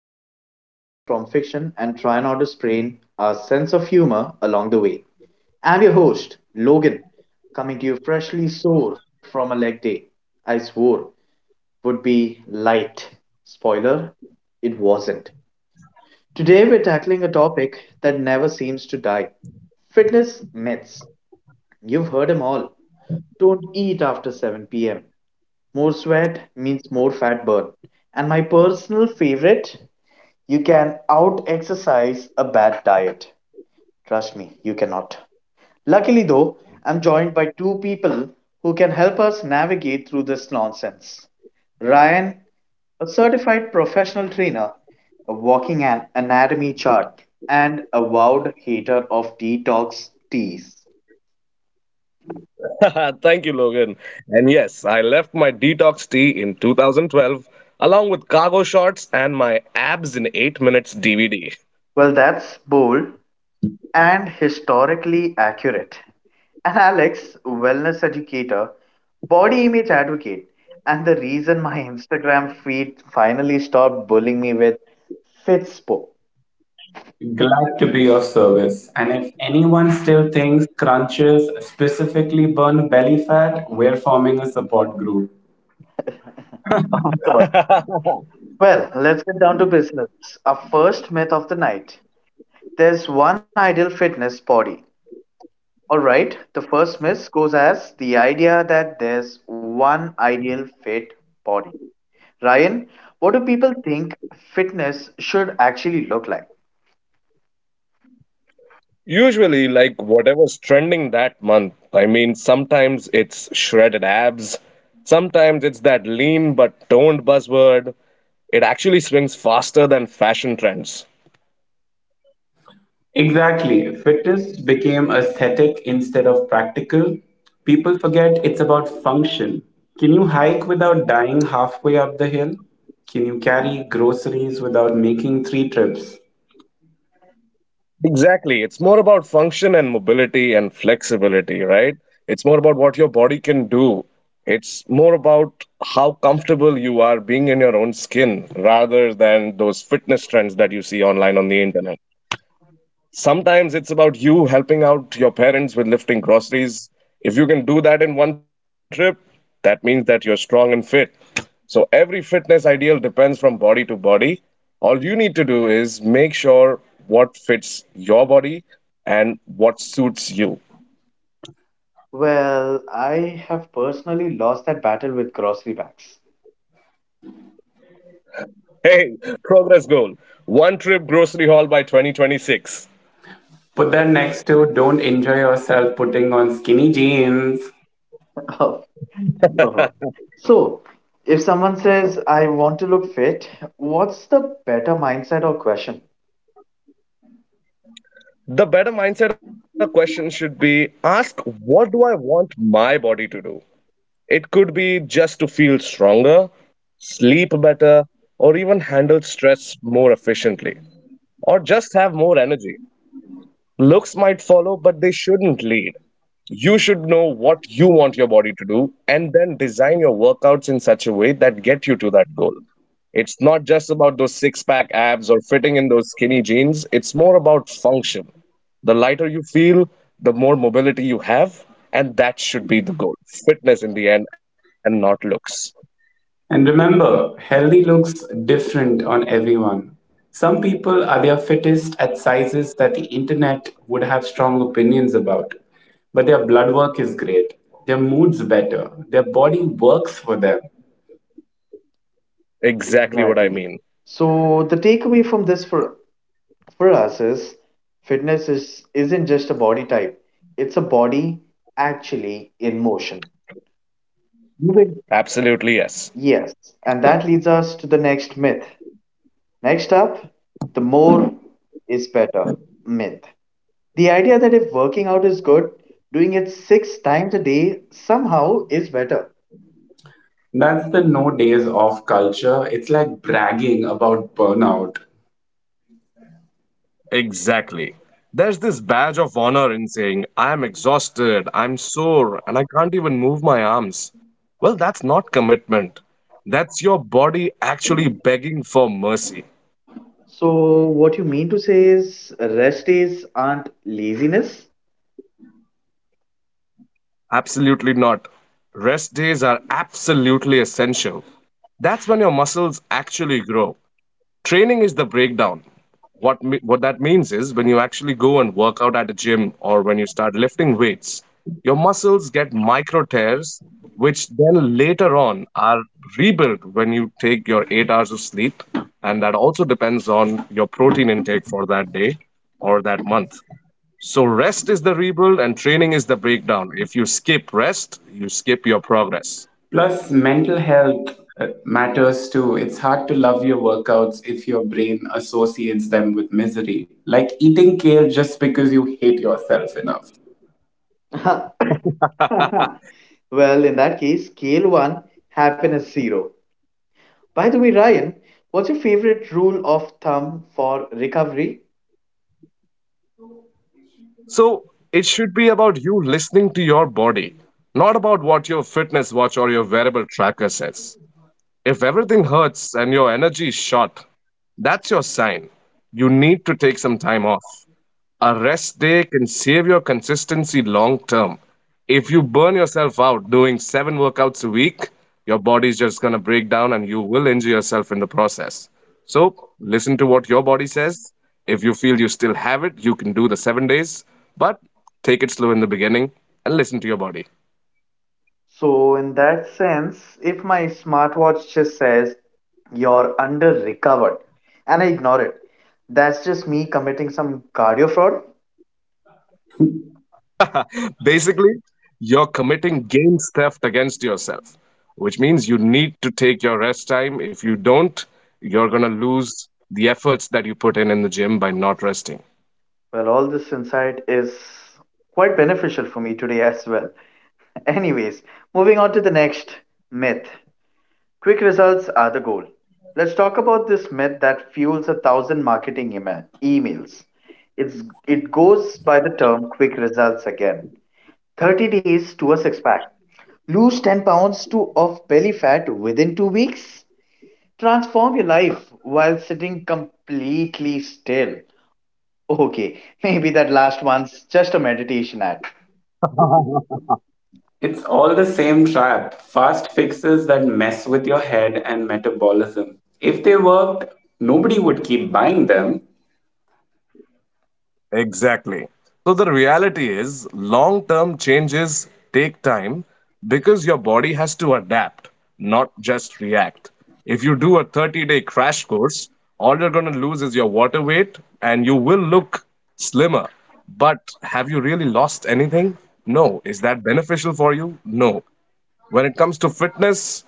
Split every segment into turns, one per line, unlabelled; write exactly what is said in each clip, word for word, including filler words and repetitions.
fitness facts from fiction and try not to sprain our sense of humor along the way. I'm your host, Logan, coming to you freshly sore from a leg day. I swore would be light. Spoiler, it wasn't. Today we're tackling a topic that never seems to die. Fitness myths. You've heard them all. Don't eat after seven p m. More sweat means more fat burn. And my personal favorite, you can out exercise a bad diet. Trust me, you cannot. Luckily, though, I'm joined by two people who can help us navigate through this nonsense. Ryan, a certified professional trainer, a walking an- anatomy chart, and avowed hater of detox teas.
Thank you, Logan. And yes, I left my detox tea in two thousand twelve along with cargo shorts and my abs in eight minutes D V D.
Well, that's bold, and historically accurate. And Alex, wellness educator, body image advocate, and the reason my Instagram feed finally stopped bullying me with Fitspo.
Glad to be of service. And if anyone still thinks crunches specifically burn belly fat, we're forming a support group.
Of course. Well, let's get down to business. Our first myth of the night. There's one ideal fitness body. Alright, the first myth goes as the idea that there's one ideal fit body. Ryan, what do people think fitness should actually look like?
Usually, like whatever's trending that month. I mean, sometimes it's shredded abs, sometimes it's that lean but toned buzzword. It actually swings faster than fashion trends.
Exactly. Fitness became aesthetic instead of practical. People forget it's about function. Can you hike without dying halfway up the hill? Can you carry groceries without making three trips?
Exactly. It's more about function and mobility and flexibility, right? It's more about what your body can do. It's more about how comfortable you are being in your own skin, rather than those fitness trends that you see online on the internet. Sometimes it's about you helping out your parents with lifting groceries. If you can do that in one trip, that means that you're strong and fit. So every fitness ideal depends from body to body. All you need to do is make sure what fits your body and what suits you.
Well, I have personally lost that battle with grocery bags.
Hey, progress goal. One trip grocery haul by twenty twenty-six.
Put that next to don't enjoy yourself putting on skinny jeans.
Oh, uh-huh. So, if someone says, I want to look fit, what's the better mindset or question?
The better mindset or question should be ask what do I want my body to do? It could be just to feel stronger, sleep better, or even handle stress more efficiently, or just have more energy. Looks might follow, but they shouldn't lead. You should know what you want your body to do and then design your workouts in such a way that get you to that goal. It's not just about those six pack abs or fitting in those skinny jeans, it's more about function. The lighter you feel, the more mobility you have, and that should be the goal fitness in the end and not looks.
And remember, healthy looks different on everyone. Some people are their fittest at sizes that the internet would have strong opinions about, but their blood work is great. Their mood's better. Their body works for them.
Exactly what I
Exactly.
mean.
So, the takeaway from this for, for us is fitness is, isn't just a body type, it's a body actually in motion. Moving.
Absolutely, yes.
Yes. And that leads us to the next myth. Next up, the more is better myth. The idea that if working out is good, doing it six times a day somehow is better.
That's the no days off culture. It's like bragging about burnout.
Exactly. There's this badge of honor in saying, I am exhausted, I'm sore, and I can't even move my arms. Well, that's not commitment. That's your body actually begging for mercy.
So, what you mean to say is rest days aren't laziness?
Absolutely not. Rest days are absolutely essential. That's when your muscles actually grow. Training is the breakdown. What me- what that means is when you actually go and work out at a gym or when you start lifting weights, your muscles get micro tears, which then later on are rebuilt when you take your eight hours of sleep, and that also depends on your protein intake for that day or that month. So rest is the rebuild and training is the breakdown. If you skip rest, you skip your progress.
Plus, mental health uh, matters too. It's hard to love your workouts if your brain associates them with misery, like eating kale just because you hate yourself enough.
Well, in that case, scale one, happiness zero. By the way, Ryan, what's your favorite rule of thumb for recovery?
So it should be about you listening to your body, not about what your fitness watch or your wearable tracker says. If everything hurts and your energy is shot, that's your sign. You need to take some time off. A rest day can save your consistency long term. If you burn yourself out doing seven workouts a week, your body's just going to break down and you will injure yourself in the process. So, listen to what your body says. If you feel you still have it, you can do the seven days, but take it slow in the beginning and listen to your body.
So, in that sense, if my smartwatch just says you're under recovered and I ignore it, that's just me committing some cardio fraud.
Basically, you're committing games theft against yourself, which means you need to take your rest time. If you don't, you're going to lose the efforts that you put in in the gym by not resting.
Well, all this insight is quite beneficial for me today as well. Anyways, moving on to the next myth, quick results are the goal. Let's talk about this myth that fuels a thousand marketing ema- emails. It's, it goes by the term quick results again, thirty days to a six pack. Lose ten pounds to of belly fat within two weeks. Transform your life while sitting completely still. Okay, maybe that last one's just a meditation act.
It's all the same trap fast fixes that mess with your head and metabolism. If they worked, nobody would keep buying them.
Exactly. So the reality is long-term changes take time because your body has to adapt, not just react. If you do a thirty-day crash course, all you're going to lose is your water weight and you will look slimmer. But have you really lost anything? No. Is that beneficial for you? No. When it comes to fitness,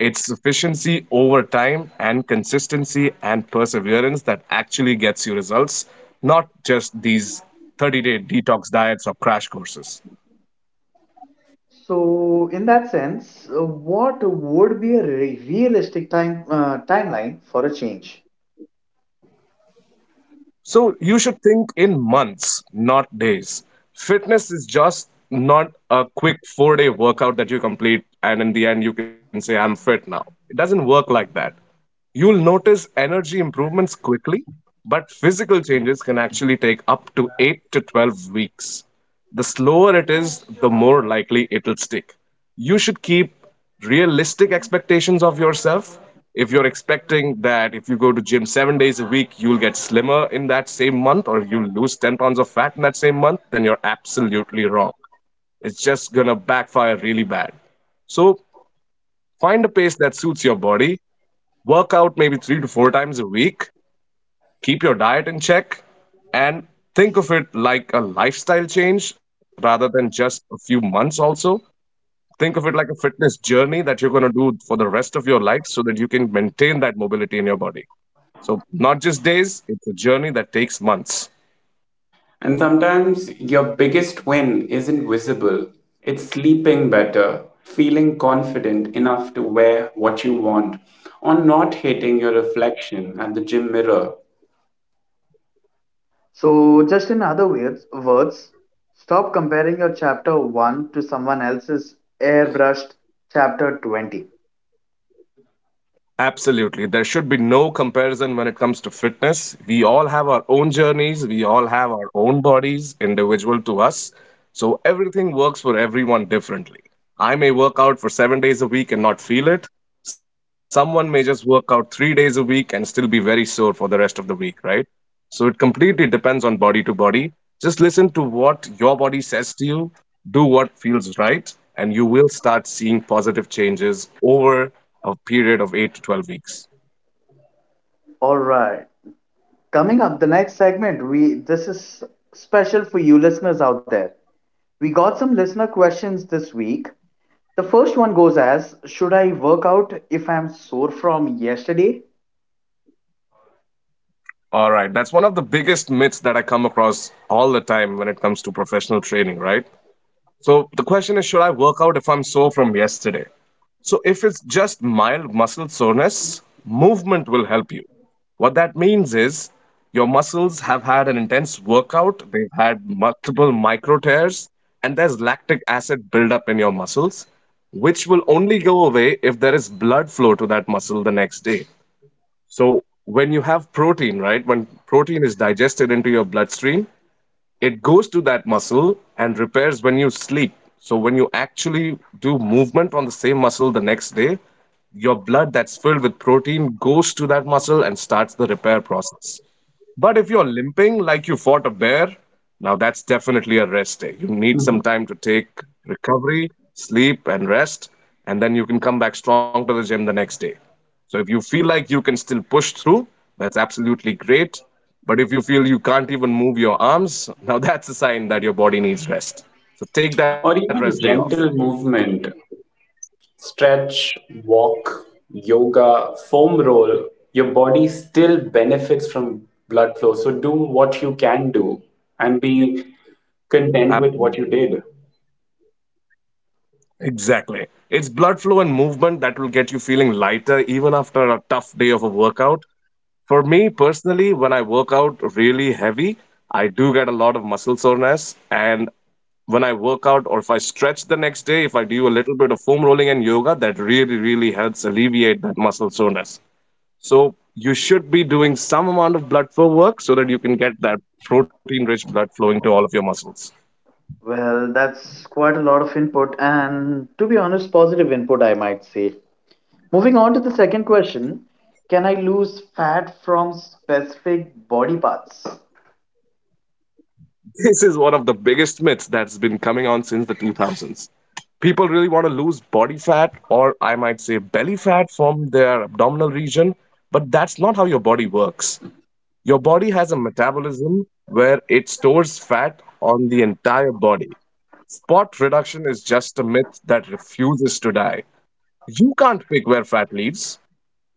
it's efficiency over time and consistency and perseverance that actually gets you results, not just these thirty day detox diets or crash courses.
So, in that sense, uh, what would be a re- realistic time uh, timeline for a change?
So you should think in months, not days. Fitness is just not a quick four day workout that you complete and in the end you can say, I'm fit now. It doesn't work like that. You'll notice energy improvements quickly, but physical changes can actually take up to eight to twelve weeks. The slower it is, the more likely it'll stick. You should keep realistic expectations of yourself. If you're expecting that if you go to gym seven days a week, you'll get slimmer in that same month or you'll lose ten pounds of fat in that same month, then you're absolutely wrong. It's just going to backfire really bad. So, find a pace that suits your body. Work out maybe three to four times a week. Keep your diet in check and think of it like a lifestyle change rather than just a few months, also. Think of it like a fitness journey that you're going to do for the rest of your life so that you can maintain that mobility in your body. So, not just days, it's a journey that takes months.
And sometimes your biggest win isn't visible. It's sleeping better, feeling confident enough to wear what you want, or not hating your reflection at the gym mirror,
So, just in other words, words, stop comparing your chapter one to someone else's airbrushed chapter twenty.
Absolutely. There should be no comparison when it comes to fitness. We all have our own journeys, we all have our own bodies, individual to us. So everything works for everyone differently. I may work out for seven days a week and not feel it. Someone may just work out three days a week and still be very sore for the rest of the week, right? So it completely depends on body to body. Just listen to what your body says to you, do what feels right, and you will start seeing positive changes over a period of eight to twelve weeks.
All right. Coming up, the next segment, we this is special for you listeners out there. We got some listener questions this week. The first one goes as, should I work out if I'm sore from yesterday?
All right, that's one of the biggest myths that I come across all the time when it comes to professional training, right? So the question is should I work out if I'm sore from yesterday? So if it's just mild muscle soreness, movement will help you. What that means is your muscles have had an intense workout, they've had multiple micro tears, and there's lactic acid buildup in your muscles, which will only go away if there is blood flow to that muscle the next day. So when you have protein, right, when protein is digested into your bloodstream, it goes to that muscle and repairs when you sleep. So when you actually do movement on the same muscle the next day, your blood that's filled with protein goes to that muscle and starts the repair process. But if you're limping like you fought a bear, now that's definitely a rest day. You need some time to take recovery, sleep, and rest, and then you can come back strong to the gym the next day. So if you feel like you can still push through, that's absolutely great. But if you feel you can't even move your arms, now that's a sign that your body needs rest. So take that rest
or
day off.
even gentle movement stretch, walk, yoga, foam roll, your body still benefits from blood flow. So do what you can do and be content
Ab-
with what you did.
Exactly. It's blood flow and movement that will get you feeling lighter even after a tough day of a workout. For me personally, when I work out really heavy, I do get a lot of muscle soreness. And when I work out or if I stretch the next day, if I do a little bit of foam rolling and yoga, that really, really helps alleviate that muscle soreness. So you should be doing some amount of blood flow work so that you can get that protein rich blood flowing to all of your muscles.
Well, that's quite a lot of input, and to be honest, positive input, I might say. Moving on to the second question, can I lose fat from specific body parts?
This is one of the biggest myths that's been coming on since the two thousands. People really want to lose body fat, or I might say belly fat, from their abdominal region, but that's not how your body works. Your body has a metabolism where it stores fat on the entire body. Spot reduction is just a myth that refuses to die. You can't pick where fat leaves,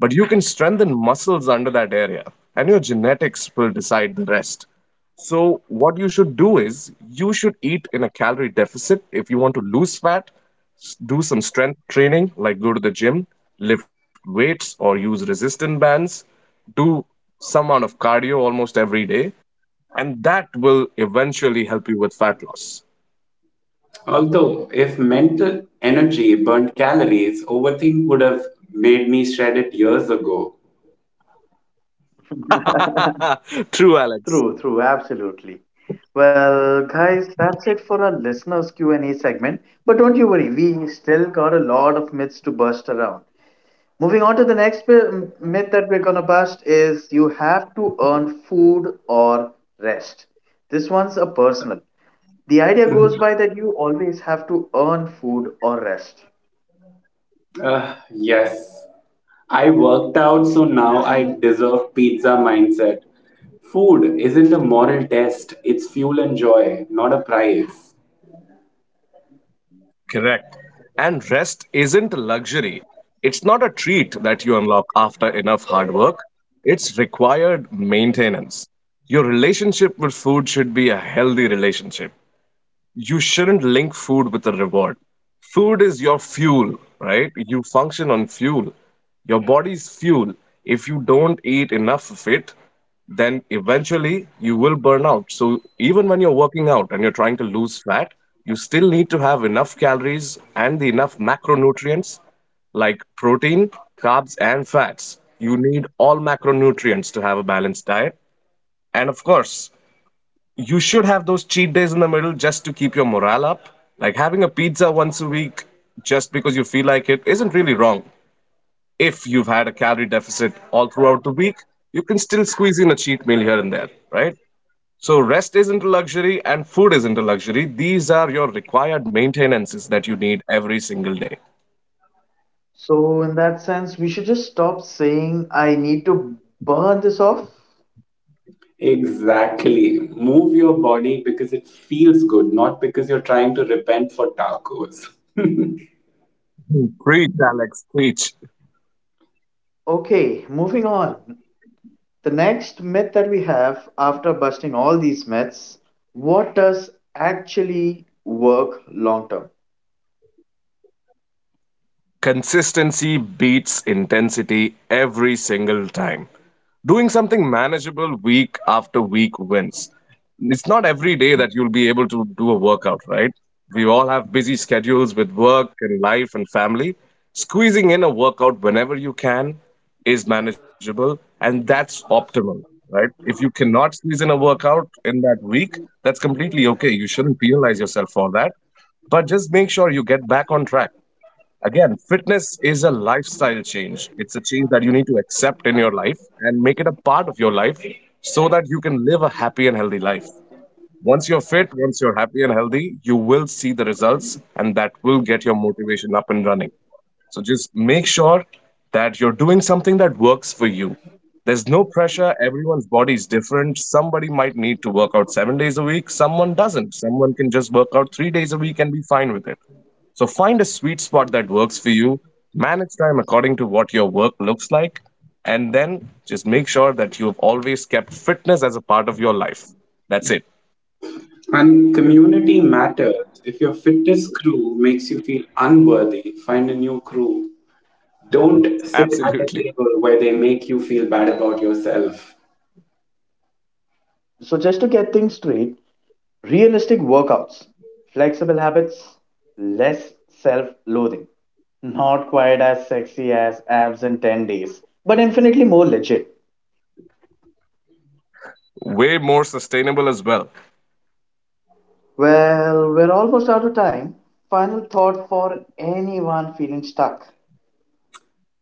but you can strengthen muscles under that area, and your genetics will decide the rest. So, what you should do is you should eat in a calorie deficit. If you want to lose fat, s- do some strength training, like go to the gym, lift weights, or use resistance bands. Do some amount of cardio almost every day, and that will eventually help you with fat loss.
Although, if mental energy burned calories, overthink would have made me shred it years ago.
True, Alex.
True, true, absolutely. Well, guys, that's it for our listeners Q and A segment. But don't you worry, we still got a lot of myths to bust around. Moving on to the next pi- myth that we're gonna bust is you have to earn food or rest. This one's a personal. The idea
Mm.
goes by that you always have to earn food or rest.
Uh, yes. I worked out, so now I deserve pizza mindset. Food isn't a moral test, it's fuel and joy, not a prize.
Correct. And rest isn't a luxury. It's not a treat that you unlock after enough hard work. It's required maintenance. Your relationship with food should be a healthy relationship. You shouldn't link food with a reward. Food is your fuel, right? You function on fuel. Your body's fuel. If you don't eat enough of it, then eventually you will burn out. So even when you're working out and you're trying to lose fat, you still need to have enough calories and the enough macronutrients like protein, carbs, and fats. You need all macronutrients to have a balanced diet. And of course, you should have those cheat days in the middle just to keep your morale up. Like having a pizza once a week just because you feel like it isn't really wrong. If you've had a calorie deficit all throughout the week, you can still squeeze in a cheat meal here and there, right? So, rest isn't a luxury and food isn't a luxury. These are your required maintenances that you need every single day.
So in that sense, we should just stop saying I need to burn this off.
Exactly. Move your body because it feels good, not because you're trying to repent for tacos.
Preach, Alex, preach.
Okay, moving on. The next myth that we have after busting all these myths, what does actually work long term?
Consistency beats intensity every single time. Doing something manageable week after week wins. It's not every day that you'll be able to do a workout, right? We all have busy schedules with work and life and family. Squeezing in a workout whenever you can is manageable and that's optimal, right? If you cannot squeeze in a workout in that week, that's completely okay. You shouldn't penalize yourself for that, but just make sure you get back on track. Again, fitness is a lifestyle change. It's a change that you need to accept in your life and make it a part of your life so that you can live a happy and healthy life. Once you're fit, once you're happy and healthy, you will see the results and that will get your motivation up and running. So just make sure that you're doing something that works for you. There's no pressure. Everyone's body is different. Somebody might need to work out seven days a week. Someone doesn't. Someone can just work out three days a week and be fine with it. So find a sweet spot that works for you, manage time according to what your work looks like, and then just make sure that you have always kept fitness as a part of your life. That's it.
And community matters. If your fitness crew makes you feel unworthy, find a new crew. Don't sit at a table
Absolutely.
where they make you feel bad about yourself.
So just to get things straight, realistic workouts, flexible habits, less self loathing. Not quite as sexy as abs in ten days, but infinitely more legit.
Way more sustainable as well.
Well, we're almost out of time. Final thought for anyone feeling stuck.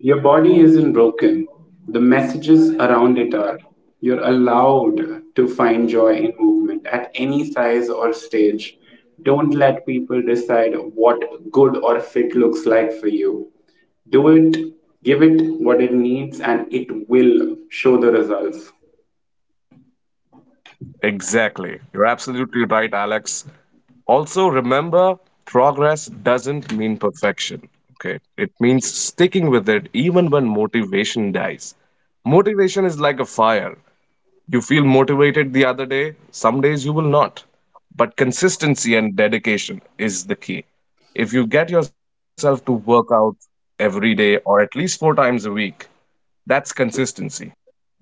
Your body isn't broken. The messages around it are you're allowed to find joy in movement at any size or stage. Don't let people decide what good or fit looks like for you. Do it, give it what it needs, and it will show the results.
Exactly. You're absolutely right, Alex. Also, remember progress doesn't mean perfection. Okay. It means sticking with it even when motivation dies. Motivation is like a fire. You feel motivated the other day, some days you will not. But consistency and dedication is the key. If you get yourself to work out every day or at least four times a week, that's consistency,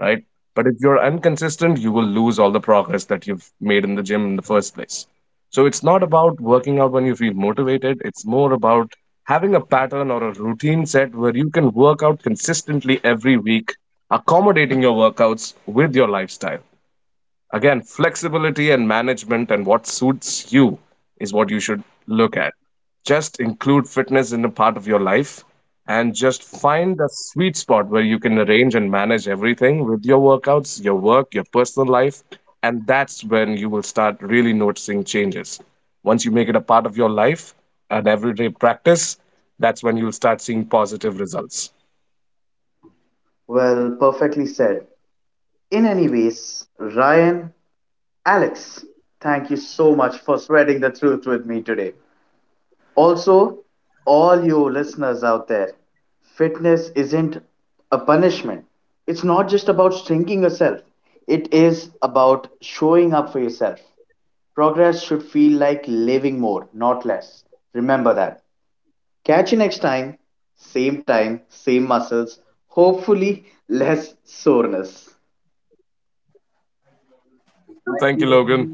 right? But if you're inconsistent, you will lose all the progress that you've made in the gym in the first place. So it's not about working out when you feel motivated, it's more about having a pattern or a routine set where you can work out consistently every week, accommodating your workouts with your lifestyle. Again, flexibility and management and what suits you is what you should look at. Just include fitness in a part of your life and just find a sweet spot where you can arrange and manage everything with your workouts, your work, your personal life. And that's when you will start really noticing changes. Once you make it a part of your life, an everyday practice, that's when you'll start seeing positive results.
Well, perfectly said. In any ways, Ryan, Alex, thank you so much for spreading the truth with me today. Also, all you listeners out there, fitness isn't a punishment. It's not just about shrinking yourself, it is about showing up for yourself. Progress should feel like living more, not less. Remember that. Catch you next time, same time, same muscles, hopefully less soreness.
Thank you, Logan.